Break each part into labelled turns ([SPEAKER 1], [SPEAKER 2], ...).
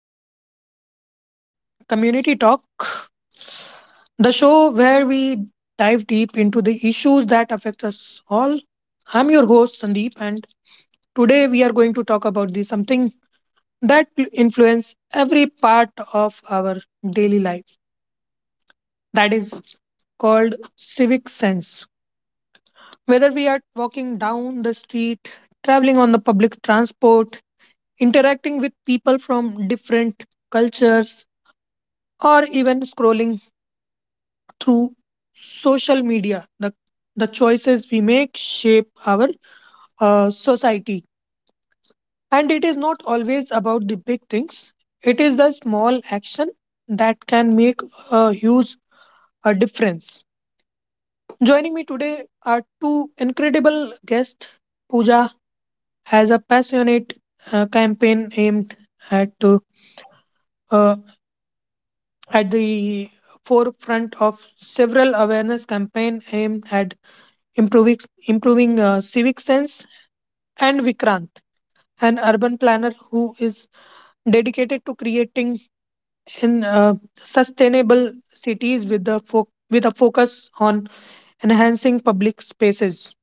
[SPEAKER 1] Hello and welcome to Community Talk, the show where we dive deep into the issues that affect us all. I'm your host Sandeep and today we are going to talk about the something that influences every part of our daily life. That is called civic sense. Whether we are walking down the street, traveling on the public transport, interacting with people from different cultures, or even scrolling through social media the choices we make shape our society, and it is not always about the big things, it is the small action that can make a huge a difference. Joining me today are two incredible guests. Pooja has a passionate campaign aimed at uh, uh, at the forefront of several awareness campaign aimed at improving improving civic sense, and Vikrant, an urban planner who is dedicated to creating in sustainable cities with the with a focus on enhancing public spaces.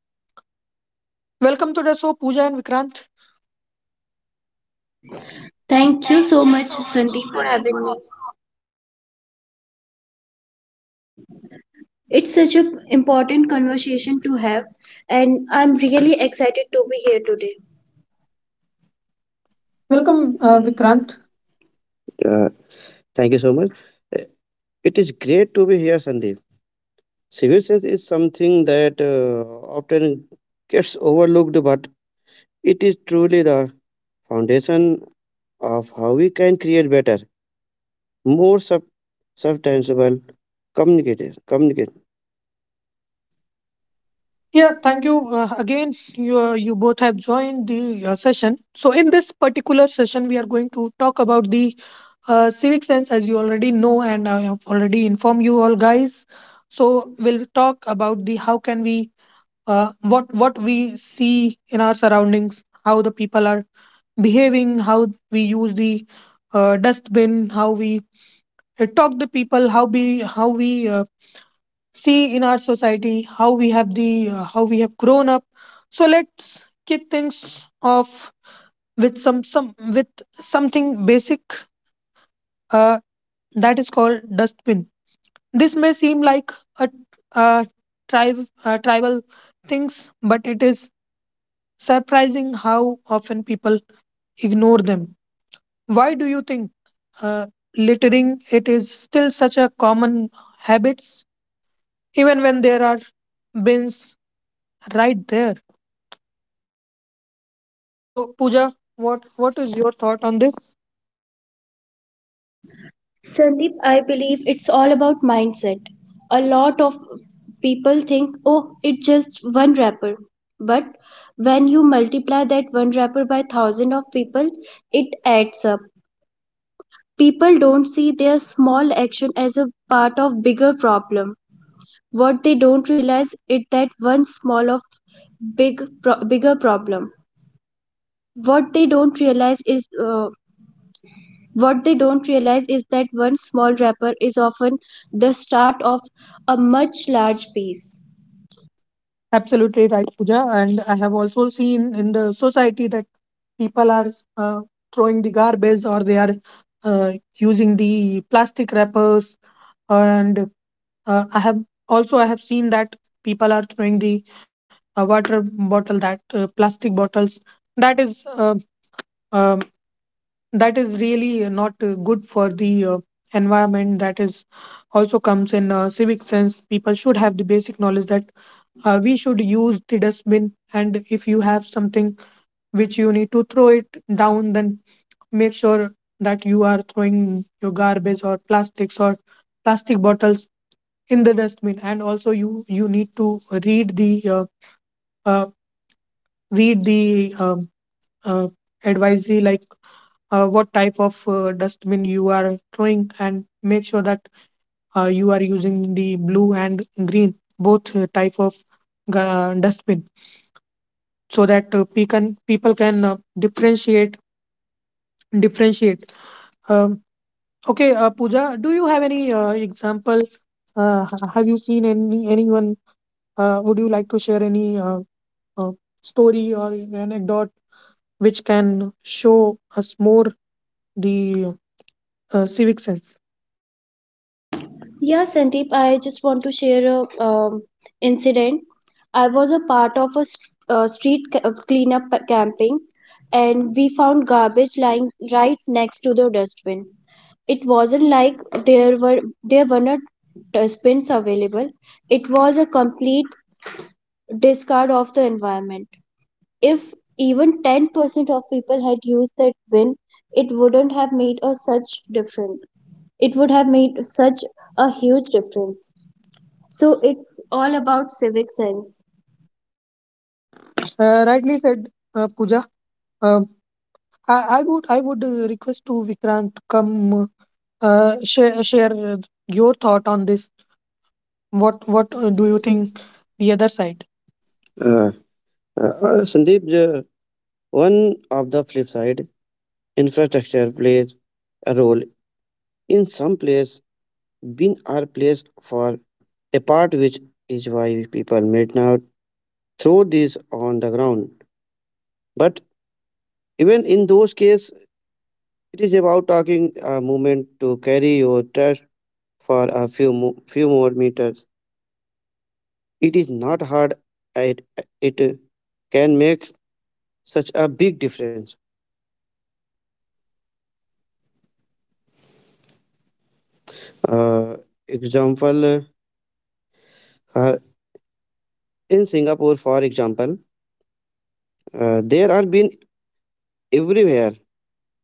[SPEAKER 1] Welcome to the show, Pooja and Vikrant.
[SPEAKER 2] Thank you so much, Sandeep, for having me. It's such an important conversation to have, and I'm really excited to be here today.
[SPEAKER 1] Welcome,
[SPEAKER 3] Welcome, Vikrant.
[SPEAKER 1] Vikrant.
[SPEAKER 3] Uh, Thank you so much. Uh, It is great to be here, Sandeep. Civil service is something that often gets overlooked, but it is truly the foundation of how we can create better, more sub- substantial communicators. Communicate.
[SPEAKER 1] Yeah,
[SPEAKER 3] Yeah, thank
[SPEAKER 1] thank you
[SPEAKER 3] you.
[SPEAKER 1] again. You you both have joined the session. So in this particular session, we are going to talk about the civic sense, as you already know, and I have already informed you all guys. So we'll talk about the how can we what we see in our surroundings, how the people are behaving, how we use the dustbin, how we talk to people, how we see in our society, how we have the how we have grown up. So let's kick things off with something basic uh, that is called dustbin. This may seem like a, a tribe tribal things, but it is surprising how often people ignore them. Why do you think uh, littering it is still such a common habits, even when there are bins right there? So, Pooja, what is your thought on this?
[SPEAKER 2] Sandeep, I believe it's all about mindset. A lot of people think, oh, it's just one rapper. But when you multiply that one rapper by thousand of people, it adds up. People don't see their small action as a part of bigger problem. What they don't realize is that one small of big pro- bigger problem. What they don't realize is what they don't realize is that one small wrapper is often the start of a much large piece.
[SPEAKER 1] Absolutely right, Pooja. And I have also seen in the society that people are uh, throwing the garbage or they are using the plastic wrappers and Uh, I have I have seen that people are throwing the water bottle that plastic bottles that is uh, um, that is really not good for the environment, that is also comes in civic sense. People should have the basic knowledge that we should use the dustbin, and if you have something which you need to throw it down, then make sure that you are throwing your garbage or plastics or plastic bottles in the dustbin. And also you need to read the uh, uh, read the uh, advisory, like what type of dustbin you are throwing, and make sure that you are using the blue and green both type of dustbin so that people can differentiate. um, okay Pooja, do you have any example? Have you seen anyone? Would you like to share any uh, story or anecdote which can show us more the civic sense?
[SPEAKER 2] Yeah, Sandeep, I just want to share a incident. I was a part of a street cleanup pa- camping, and we found garbage lying right next to the dustbin. It wasn't like there were not dustbins available. It was a complete discard of the environment. If even 10% of people had used that bin, it wouldn't have made a such difference. It would have made such a huge difference. So it's all about civic sense.
[SPEAKER 1] Rightly said, Pooja. Um I would request to Vikrant come share your thought on this. What do you think
[SPEAKER 3] Do
[SPEAKER 1] the other side?
[SPEAKER 3] Uh, Sandeep, one of the flip side, infrastructure plays a role in some places being our place for a part, which is why people might now throw these on the ground. But even in those cases, it is about talking a moment to carry your trash for few more meters. It is not hard. It, it can make such a big difference. uh, Example, uh, in Singapore, for example, there are been everywhere,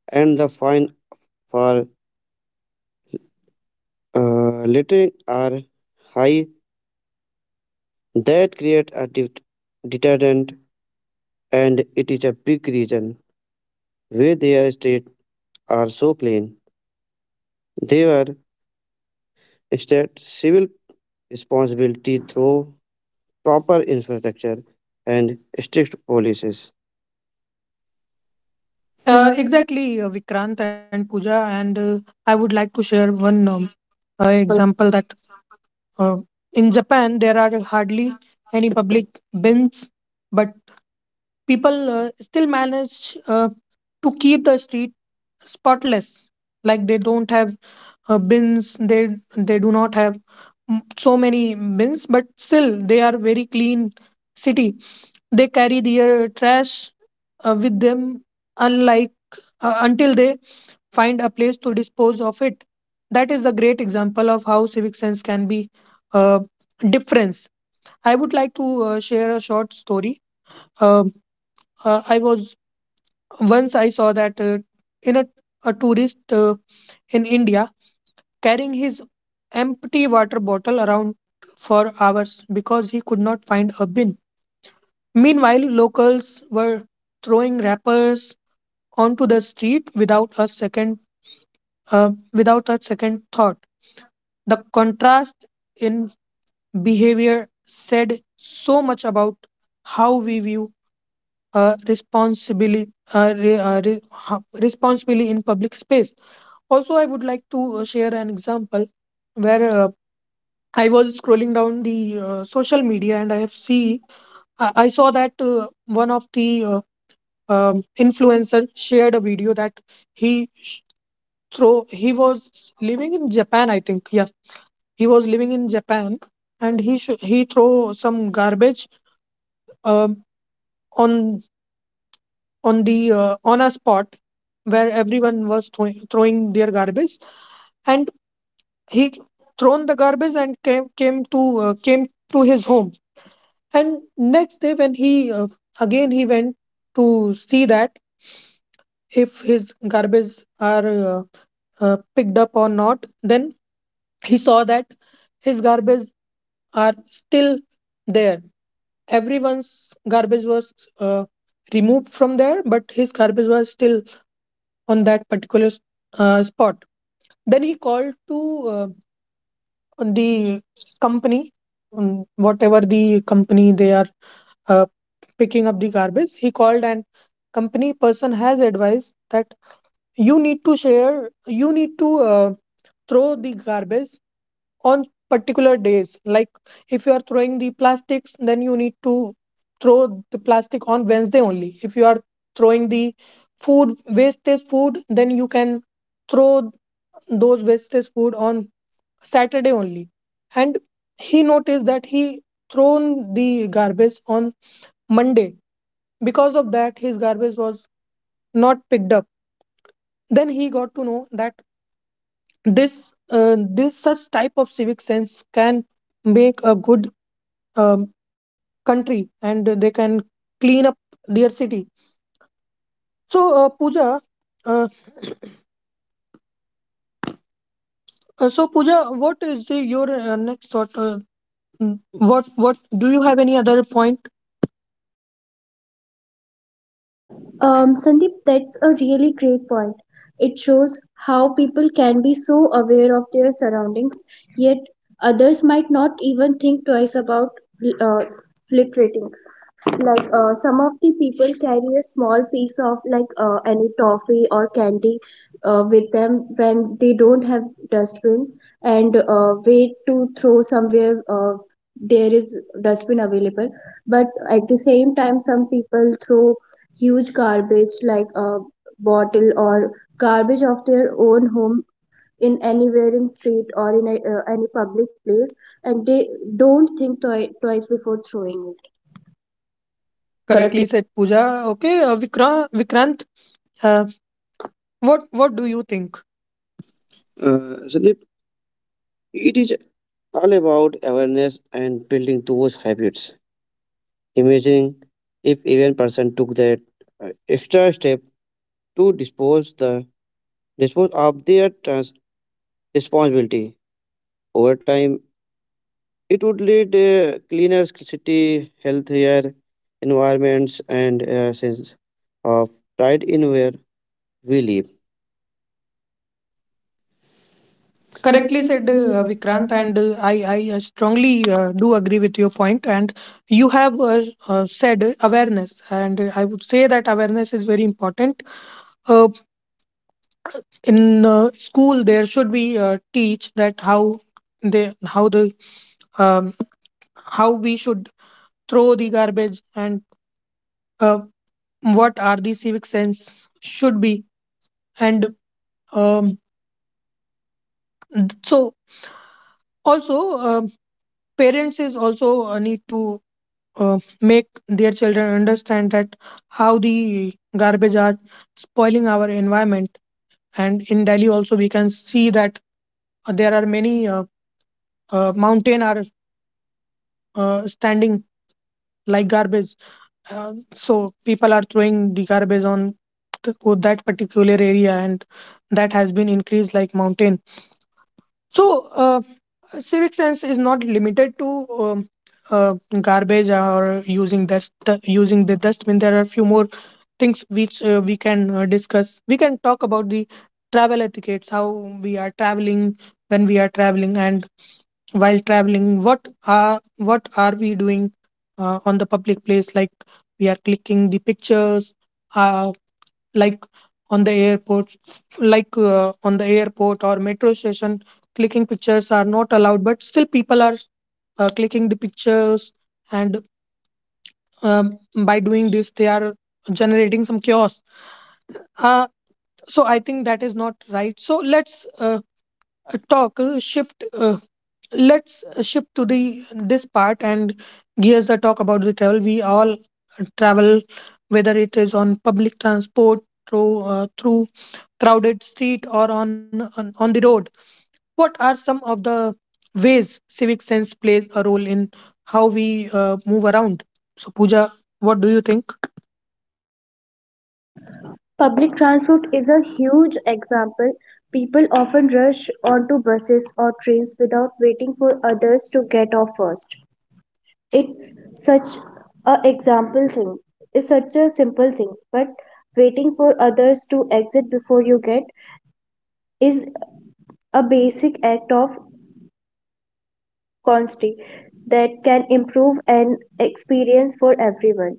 [SPEAKER 3] and the fine for littering are high. That create deterrent, and it is a big reason why their states are so clean. They were instead civil responsibility through proper infrastructure and strict policies. Uh, it's a-
[SPEAKER 1] Exactly, Vikrant and Pooja, and I would like to share one
[SPEAKER 2] Example.
[SPEAKER 1] example that uh, in Japan there are hardly any public bins, but people still manage to keep the street spotless. Like they don't have bins, they do not have so many bins, but still they are very clean city. They carry their trash with them, unlike until they find a place to dispose of it. That is the great example of how civic sense can be uh, difference. I would like to share a short story. Um I was once, I saw that in a, a tourist in India carrying his empty water bottle around for hours because he could not find a bin. Meanwhile, locals were throwing wrappers onto the street without a second without a second thought. The contrast in behavior said so much about how we view responsibly re, re, ho- responsibly in public space. Also, I would like to share an example where I was scrolling down the social media, and I have see I saw that one of the influencer shared a video that he sh- throw he was living in Japan, I think. Yes, he was living in Japan, and he throw some garbage um on on the on a spot where everyone was throwing their garbage. And he thrown the garbage and came to came to his home. And next day when he again he went to see that if his garbage are picked up or not, then he saw that his garbage are still there. Everyone's garbage was uh, removed from there, but his garbage was still on that particular spot. Then he called to uh, the company, whatever the company they are uh, picking up the garbage, he called, and company person has advised that you need to throw the garbage on particular days. Like if you are throwing the plastics, then you need to throw the plastic on Wednesday only. If you are throwing the food wastage food, then you can throw those wastage food on Saturday only. And he noticed that he thrown the garbage on Monday. Because of that, his garbage was not picked up. Then he got to know that this such type of civic sense can make a good um, country, and they can clean up their city. So Pooja, uh, Pooja, what is the, your next thought? What do you have any other point?
[SPEAKER 2] Sandeep, that's a really great point. It shows how people can be so aware of their surroundings, yet others might not even think twice about uh, littering. Like some of the people carry a small piece of like any toffee or candy with them when they don't have dustbins and wait to throw somewhere there is dustbin available, but at the same time some people throw huge garbage like a bottle or garbage of their own home in anywhere in street or in any public place, and they don't think twice before throwing it. Correct.
[SPEAKER 1] Correctly said, Pooja. Okay, Vikrant, uh, what do you think?
[SPEAKER 3] Sandeep, it is all about awareness and building those habits. Imagine if even person took that extra step to dispose of their trans responsibility. Over time, it would lead a cleaner city, healthier environments, and a sense of pride in where we live.
[SPEAKER 1] Correctly
[SPEAKER 3] Correctly said,
[SPEAKER 1] said, Vikrant,
[SPEAKER 3] Vikrant.
[SPEAKER 1] and I strongly do agree with your point. And you have said awareness, and I would say that awareness is very important. Uh, in school, there should be teach that how the um, how we should throw the garbage and uh, what are the civic sense should be. And um, so also um parents is also need to make their children understand that how the garbage are spoiling our environment. And in Delhi also we can see that there are many mountain are standing like garbage. So people are throwing the garbage on th- that particular area, and that has been increased like mountain. So uh, civic sense is not limited to uh, garbage or using the dustbin. There are a few more things which we can talk about the travel etiquettes, how we are traveling, when we are traveling, and while traveling what are we doing on the public place. Like we are clicking the pictures uh, like on the airport like on the airport or metro station, clicking pictures are not allowed, but still people are clicking the pictures. And um, by doing this they are generating some chaos. uh, so I think that is not right. So let's talk shift let's shift to the this part and gears the talk about the travel. We all travel, whether it is on public transport through through crowded street or on the road. What are some of the ways civic sense plays a role in how we move around? So Pooja, what do you think?
[SPEAKER 2] Public transport is a huge example. People often rush onto buses or trains without waiting for others to get off first. It's such a example thing. It's such a simple thing, but waiting for others to exit before you get is a basic act of courtesy that can improve an experience for everyone.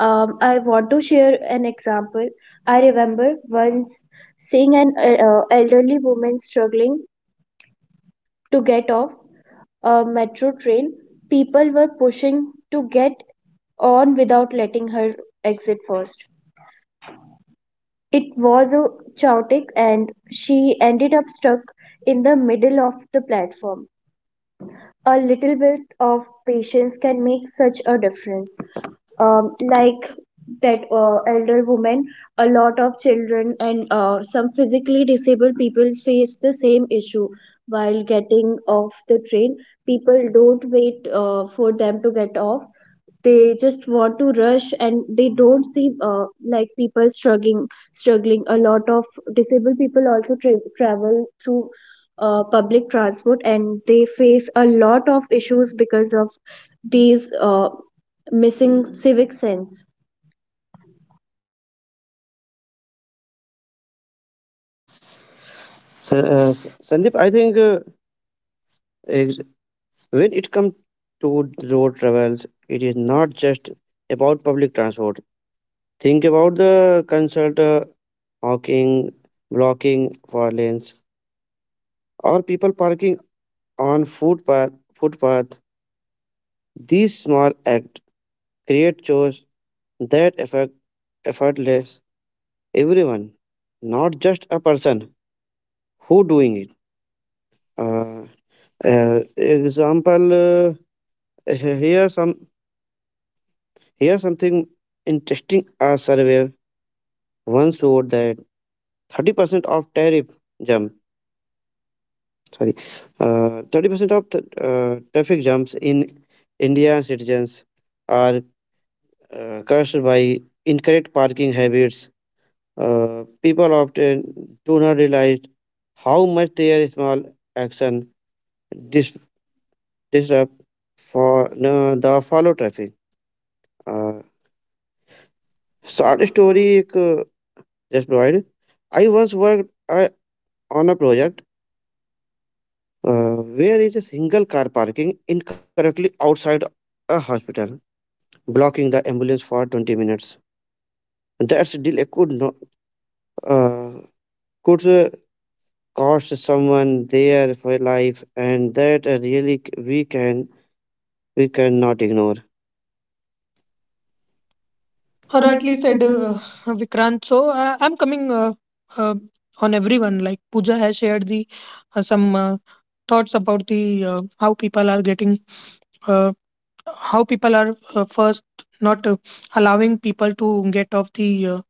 [SPEAKER 2] I want to share an example. I remember once seeing an elderly woman struggling to get off a metro train. People were pushing to get on without letting her exit first. It was a chaotic and she ended up stuck in the middle of the platform. A little bit of patience can make such a difference. Like that elder woman, a lot of children and some physically disabled people face the same issue while getting off the train. People don't wait for them to get off. They just want to rush and they don't see like people struggling, a lot of disabled people also travel through public transport and they face a lot of issues because of these missing civic sense.
[SPEAKER 3] So, Sandeep, I think, ex- when it comes to road travels, it is not just about public transport. Think about the consult, hawking, blocking for lanes, or people parking on footpath. These small acts create chores that affect effortless everyone, not just a person who doing it. Uh, Example, here some here something interesting. A survey once showed that 30% of tariff jump, sorry, 30% of traffic jumps in Indian citizens are caused by incorrect parking habits. People often do not realize how much their small action dis- disrupt for the follow traffic. Uh, Short story एक, just provide. I once worked on a project where is a single car parking incorrectly outside a hospital, blocking the ambulance for 20 minutes. That's delay could not uh, could cost someone their life, and that really we cannot ignore.
[SPEAKER 1] Rightly
[SPEAKER 3] Correctly
[SPEAKER 1] said,
[SPEAKER 3] said.
[SPEAKER 1] Vikrant. So I'm coming uh, on everyone. Like Pooja has shared the some thoughts about the how people are getting uh, how people are first not allowing people to get off the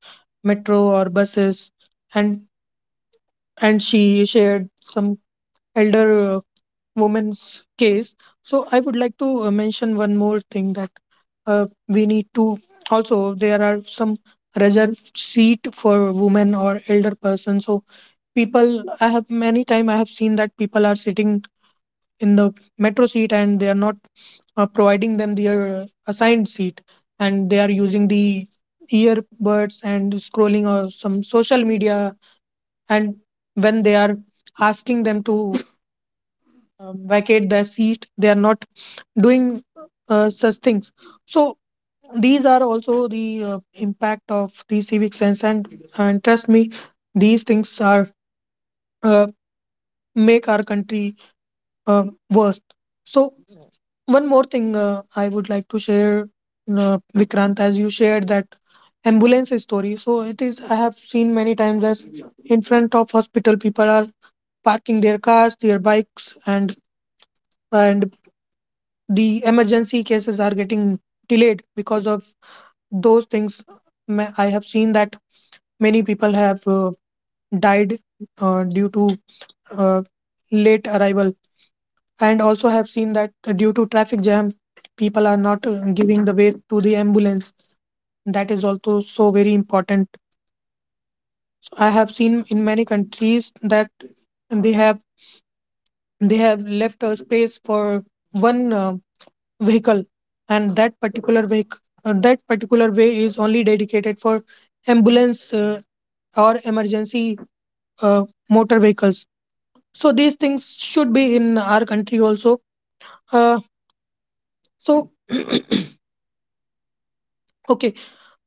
[SPEAKER 1] metro or buses, and and she shared some elder woman's case. So I would like to mention one more thing, that we need to also there are some reserved seat for women or elder person. So people, I have many time I have seen that people are sitting in the metro seat and they are not providing them their assigned seat, and they are using the earbuds and scrolling or some social media, and when they are asking them to vacate their seat, they are not doing such things. So these are also the impact of the civic sense. And trust me, these things are uh, make our country uh, worse. So one more thing I would like to share. Vikrant, as you shared that ambulance story, so it is, I have seen many times as, in front of hospital, people are parking their cars, their bikes, and the emergency cases are getting delayed because of those things. I have seen that many people have died due to uh, late arrival, and also have seen that due to traffic jam, people are not giving the way to the ambulance. That is also so very important. So I have seen in many countries that they have they have left a space for one vehicle, and that particular way is only dedicated for ambulance or emergency uh, motor vehicles. So these things should be in our country also. uh, so okay.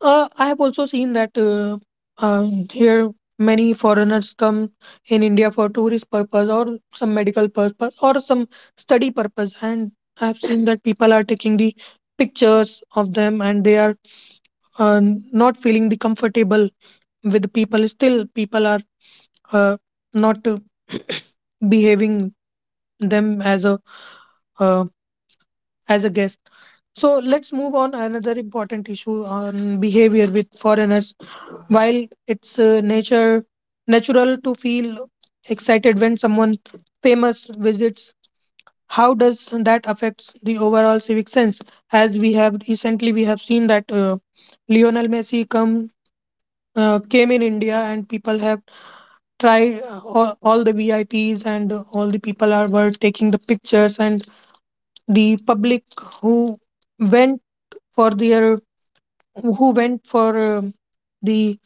[SPEAKER 1] I have also seen that uh, here many foreigners come in india for tourist purpose, or some medical purpose, or some study purpose. And I have seen that people are taking the pictures of them, and they are uh, not feeling the comfortable with people. Still people are uh, not behaving them uh, as a guest. So let's move on another important issue on behavior with foreigners. While it's nature natural to feel excited when someone famous visits, how does that affects the overall civic sense? As we have recently we have seen that lionel messi come came in india and people have try all the VIPs and all the people are were taking the pictures, and the public who went for their, who went for um, the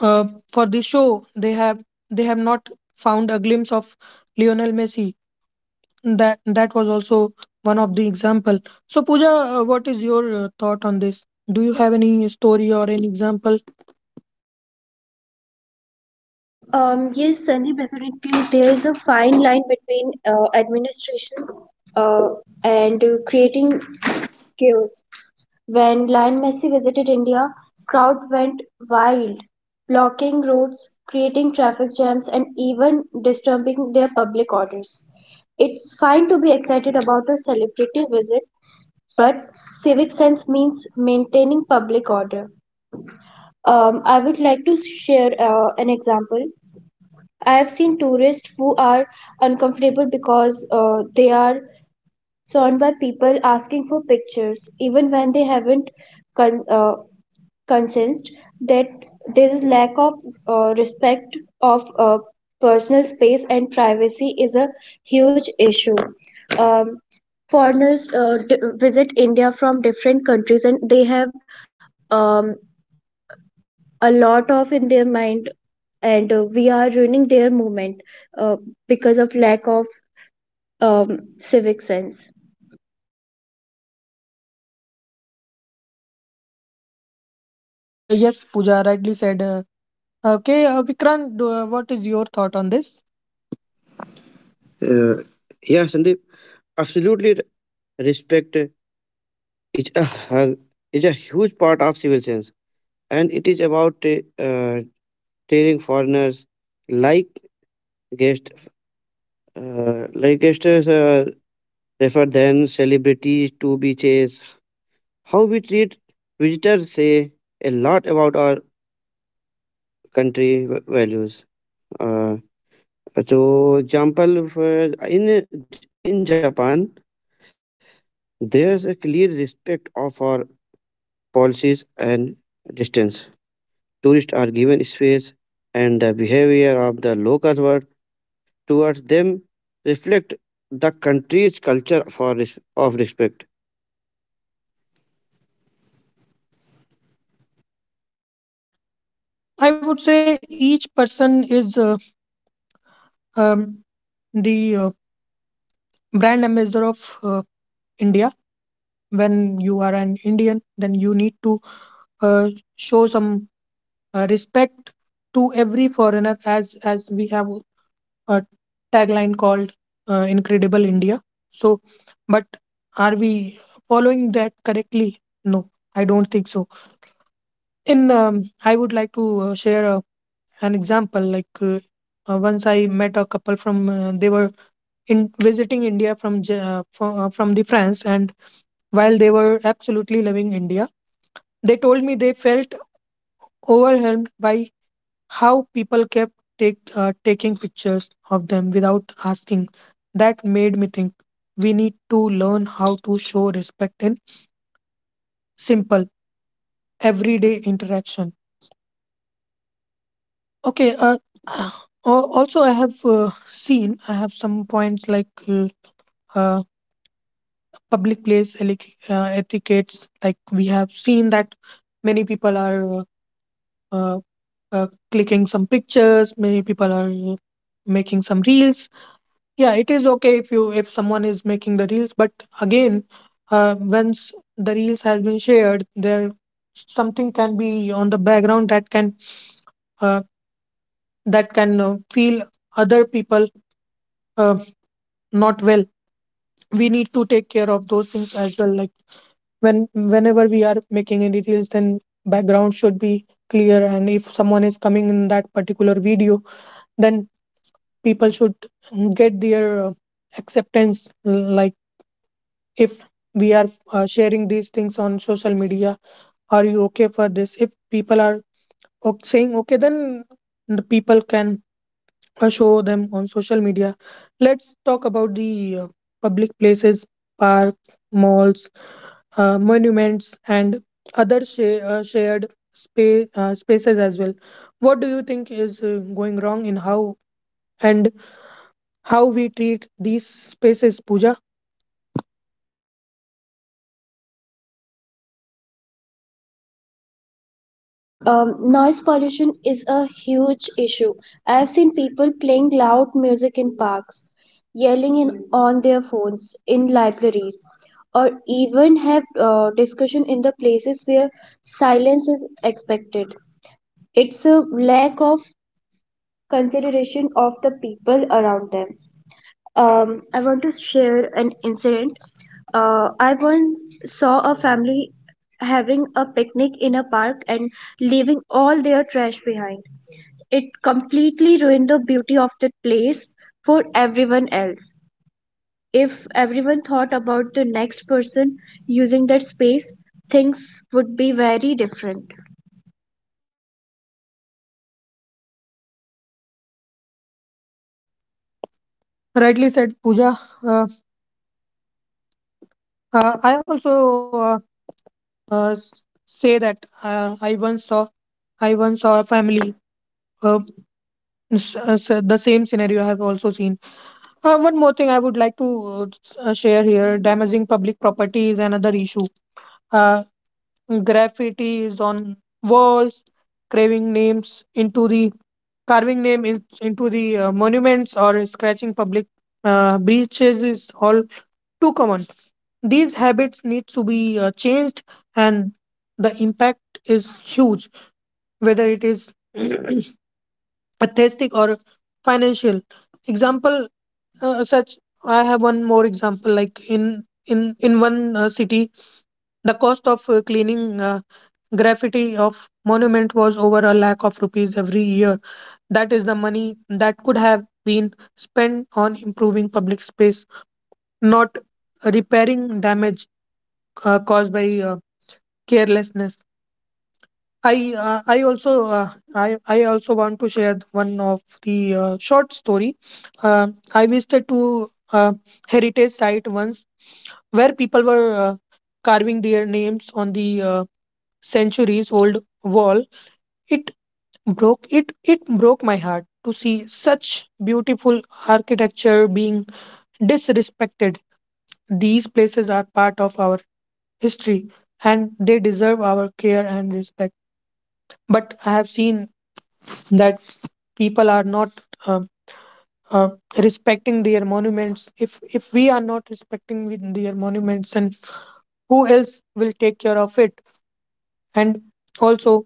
[SPEAKER 1] uh, for the show, they have they have not found a glimpse of Lionel Messi. That was also one of the example. So Pooja, what is your thought on this? Do you have any story or any example?
[SPEAKER 2] Yes, Sandeep, definitely. There is a fine line between administration uh, and creating chaos. When Lion Messi visited India, crowd went wild, blocking roads, creating traffic jams, and even disturbing their public orders. It's fine to be excited about a celebrity visit, but civic sense means maintaining public order. I would like to share an example. I have seen tourists who are uncomfortable because they are surrounded by people asking for pictures, even when they haven't con- uh, concerns that there is lack of respect of personal space and privacy is a huge issue. Um, Foreigners visit India from different countries and they have um, a lot of in their mind, and we are ruining their movement uh, because of lack of civic sense.
[SPEAKER 1] Yes, Pooja rightly said. Okay. Vikrant, what is your thought on this?
[SPEAKER 3] Uh, yeah, Sandeep, absolutely. Respect is is a huge part of civil sense, and it is about uh, treating foreigners like guests, uh, like guests uh, refer than celebrities to be chased. How we treat visitors say a lot about our country values. Uh, so, example for in in Japan, there's a clear respect of our policies and distance. Tourists are given space, and the behavior of the local world towards them reflect the country's culture for res- of respect.
[SPEAKER 1] I would say each person is um, the brand ambassador of India. When you are an Indian, then you need to uh, show some respect to every foreigner, as we have a tagline called "Incredible India." So, but are we following that correctly? No, I don't think so. In I would like to share an example. Once I met a couple from they were in visiting India from from the France, and while they were absolutely loving India, they told me they felt overwhelmed by how people kept take taking pictures of them without asking. That made me think we need to learn how to show respect in simple everyday interaction. Okay. Also, I have seen, I have some points like. Uh, Public place etiquettes. Like we have seen that many people are uh, clicking some pictures, many people are making some reels. Yeah, it is okay if you if someone is making the reels, but again, once the reels has been shared, there something can be on the background that can uh, feel other people uh, not well. We need to take care of those things as well. Like whenever we are making any reels, then background should be clear, and if someone is coming in that particular video, then people should get their acceptance. Like if we are sharing these things on social media, are you okay for this? If people are saying okay, then the people can show them on social media. Let's talk about the public places, park, malls, monuments, and other shared spaces as well. What do you think is going wrong in how, and how we treat these spaces, Pooja?
[SPEAKER 2] Noise pollution is a huge issue. I have seen people playing loud music in parks, yelling in, on their phones in libraries, or even have discussion in the places where silence is expected. It's a lack of consideration of the people around them. I want to share an incident. I once saw a family having a picnic in a park and leaving all their trash behind. It completely ruined the beauty of the place for everyone else. If everyone thought about the next person using that space, things would be very different.
[SPEAKER 1] Rightly said, Pooja. I also uh, s- say that I once saw a family. Uh, the same scenario I have also seen. One more thing I would like to share here: damaging public property is another issue. Uh, Graffiti is on walls, carving names into the carving into the monuments, or scratching public breaches, is all too common. These habits need to be changed, and the impact is huge, whether it is aesthetic or financial. Example such I have one more example, like in one city, the cost of cleaning graffiti of monument was over a lakh of rupees every year. That is the money that could have been spent on improving public space, not repairing damage caused by carelessness. I uh, I also uh, I also want to share one of the short story. Uh, I visited to heritage site once, where people were carving their names on the centuries old wall. It it broke my heart to see such beautiful architecture being disrespected. These places are part of our history, and they deserve our care and respect. But I have seen that people are not um uh, respecting their monuments. If we are not respecting with their monuments, and who else will take care of it? And also,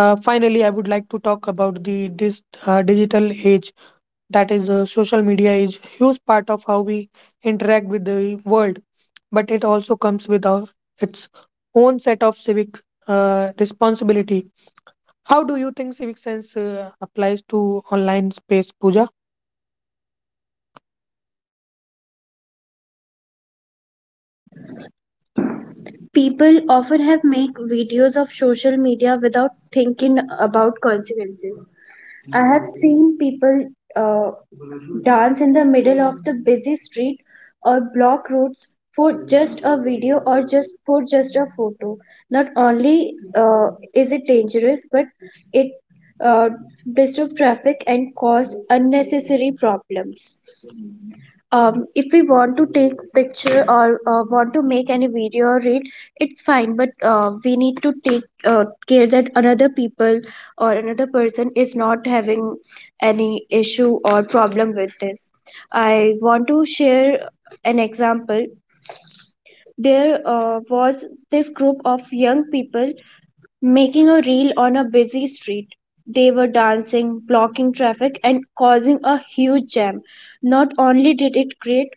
[SPEAKER 1] finally, I would like to talk about the this digital age. That is, social media is huge part of how we interact with the world, but it also comes with its own set of civic responsibility. How do you think civic sense applies to online space, Pooja?
[SPEAKER 2] People often have make videos of social media without thinking about consequences. I have seen people uh, dance in the middle of the busy street or block roads for just a video or just for just a photo. Not only is it dangerous, but it uh, disrupt traffic and cause unnecessary problems. If we want to take picture or want to make any video or read, it's fine, but we need to take care that another people or another person is not having any issue or problem with this. I want to share an example. There was this group of young people making a reel on a busy street. They were dancing, blocking traffic, and causing a huge jam. Not only did it create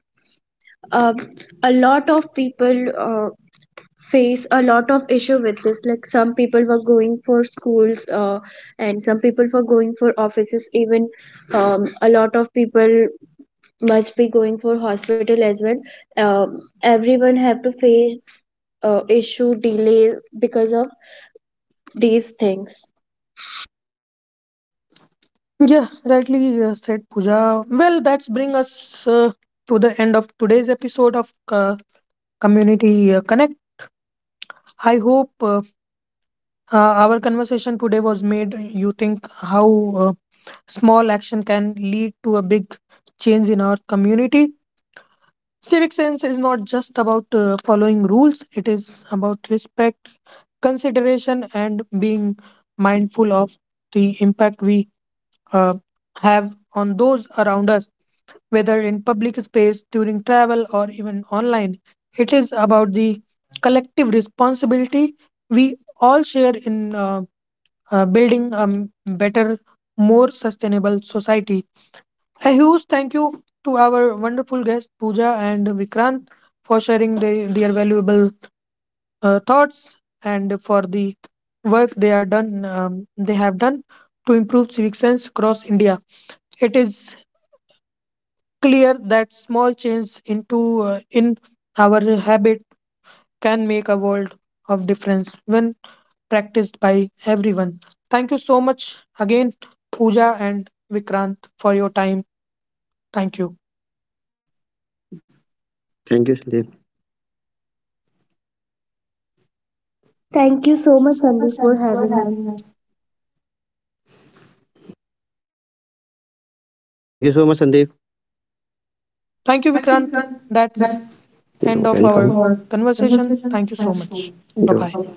[SPEAKER 2] um, a lot of people face a lot of issue with this, like some people were going for schools and some people were going for offices, even a lot of people must be going for hospital as well. Everyone have to face issue delay because of these things.
[SPEAKER 1] Yeah, rightly said, Pooja. Well, that's bring us to the end of today's episode of community connect. I hope uh, our conversation today was made you think how uh, small action can lead to a big change in our community. Civic sense is not just about following rules, it is about respect, consideration, and being mindful of the impact we uh, have on those around us, whether in public space, during travel, or even online. It is about the collective responsibility we all share in building a better, more sustainable society. A huge thank you to our wonderful guests, Pooja and Vikrant, for sharing their valuable thoughts, and for the work they are done. They have done to improve civic sense across India. It is clear that small change into in our habit can make a world of difference when practiced by everyone. Thank you so much again, Pooja and Vikrant, for your time. Thank you.
[SPEAKER 3] Thank you, Sandeep.
[SPEAKER 2] Thank you so much,
[SPEAKER 3] Thank you so
[SPEAKER 2] Sandeep,
[SPEAKER 3] much,
[SPEAKER 2] for
[SPEAKER 3] Sandeep,
[SPEAKER 2] having
[SPEAKER 3] for
[SPEAKER 2] us.
[SPEAKER 3] having us. So, thank you so much, Sandeep.
[SPEAKER 1] Thank you,
[SPEAKER 3] Thank
[SPEAKER 1] Vikrant.
[SPEAKER 3] you, Vikram.
[SPEAKER 1] That's
[SPEAKER 3] That's
[SPEAKER 1] end of
[SPEAKER 3] You're the
[SPEAKER 1] our
[SPEAKER 3] end of welcome. Our
[SPEAKER 1] conversation. Thank you
[SPEAKER 3] conversation.
[SPEAKER 1] so
[SPEAKER 3] Thanks
[SPEAKER 1] much.
[SPEAKER 3] so
[SPEAKER 1] Bye
[SPEAKER 3] much.
[SPEAKER 1] bye.
[SPEAKER 3] You're-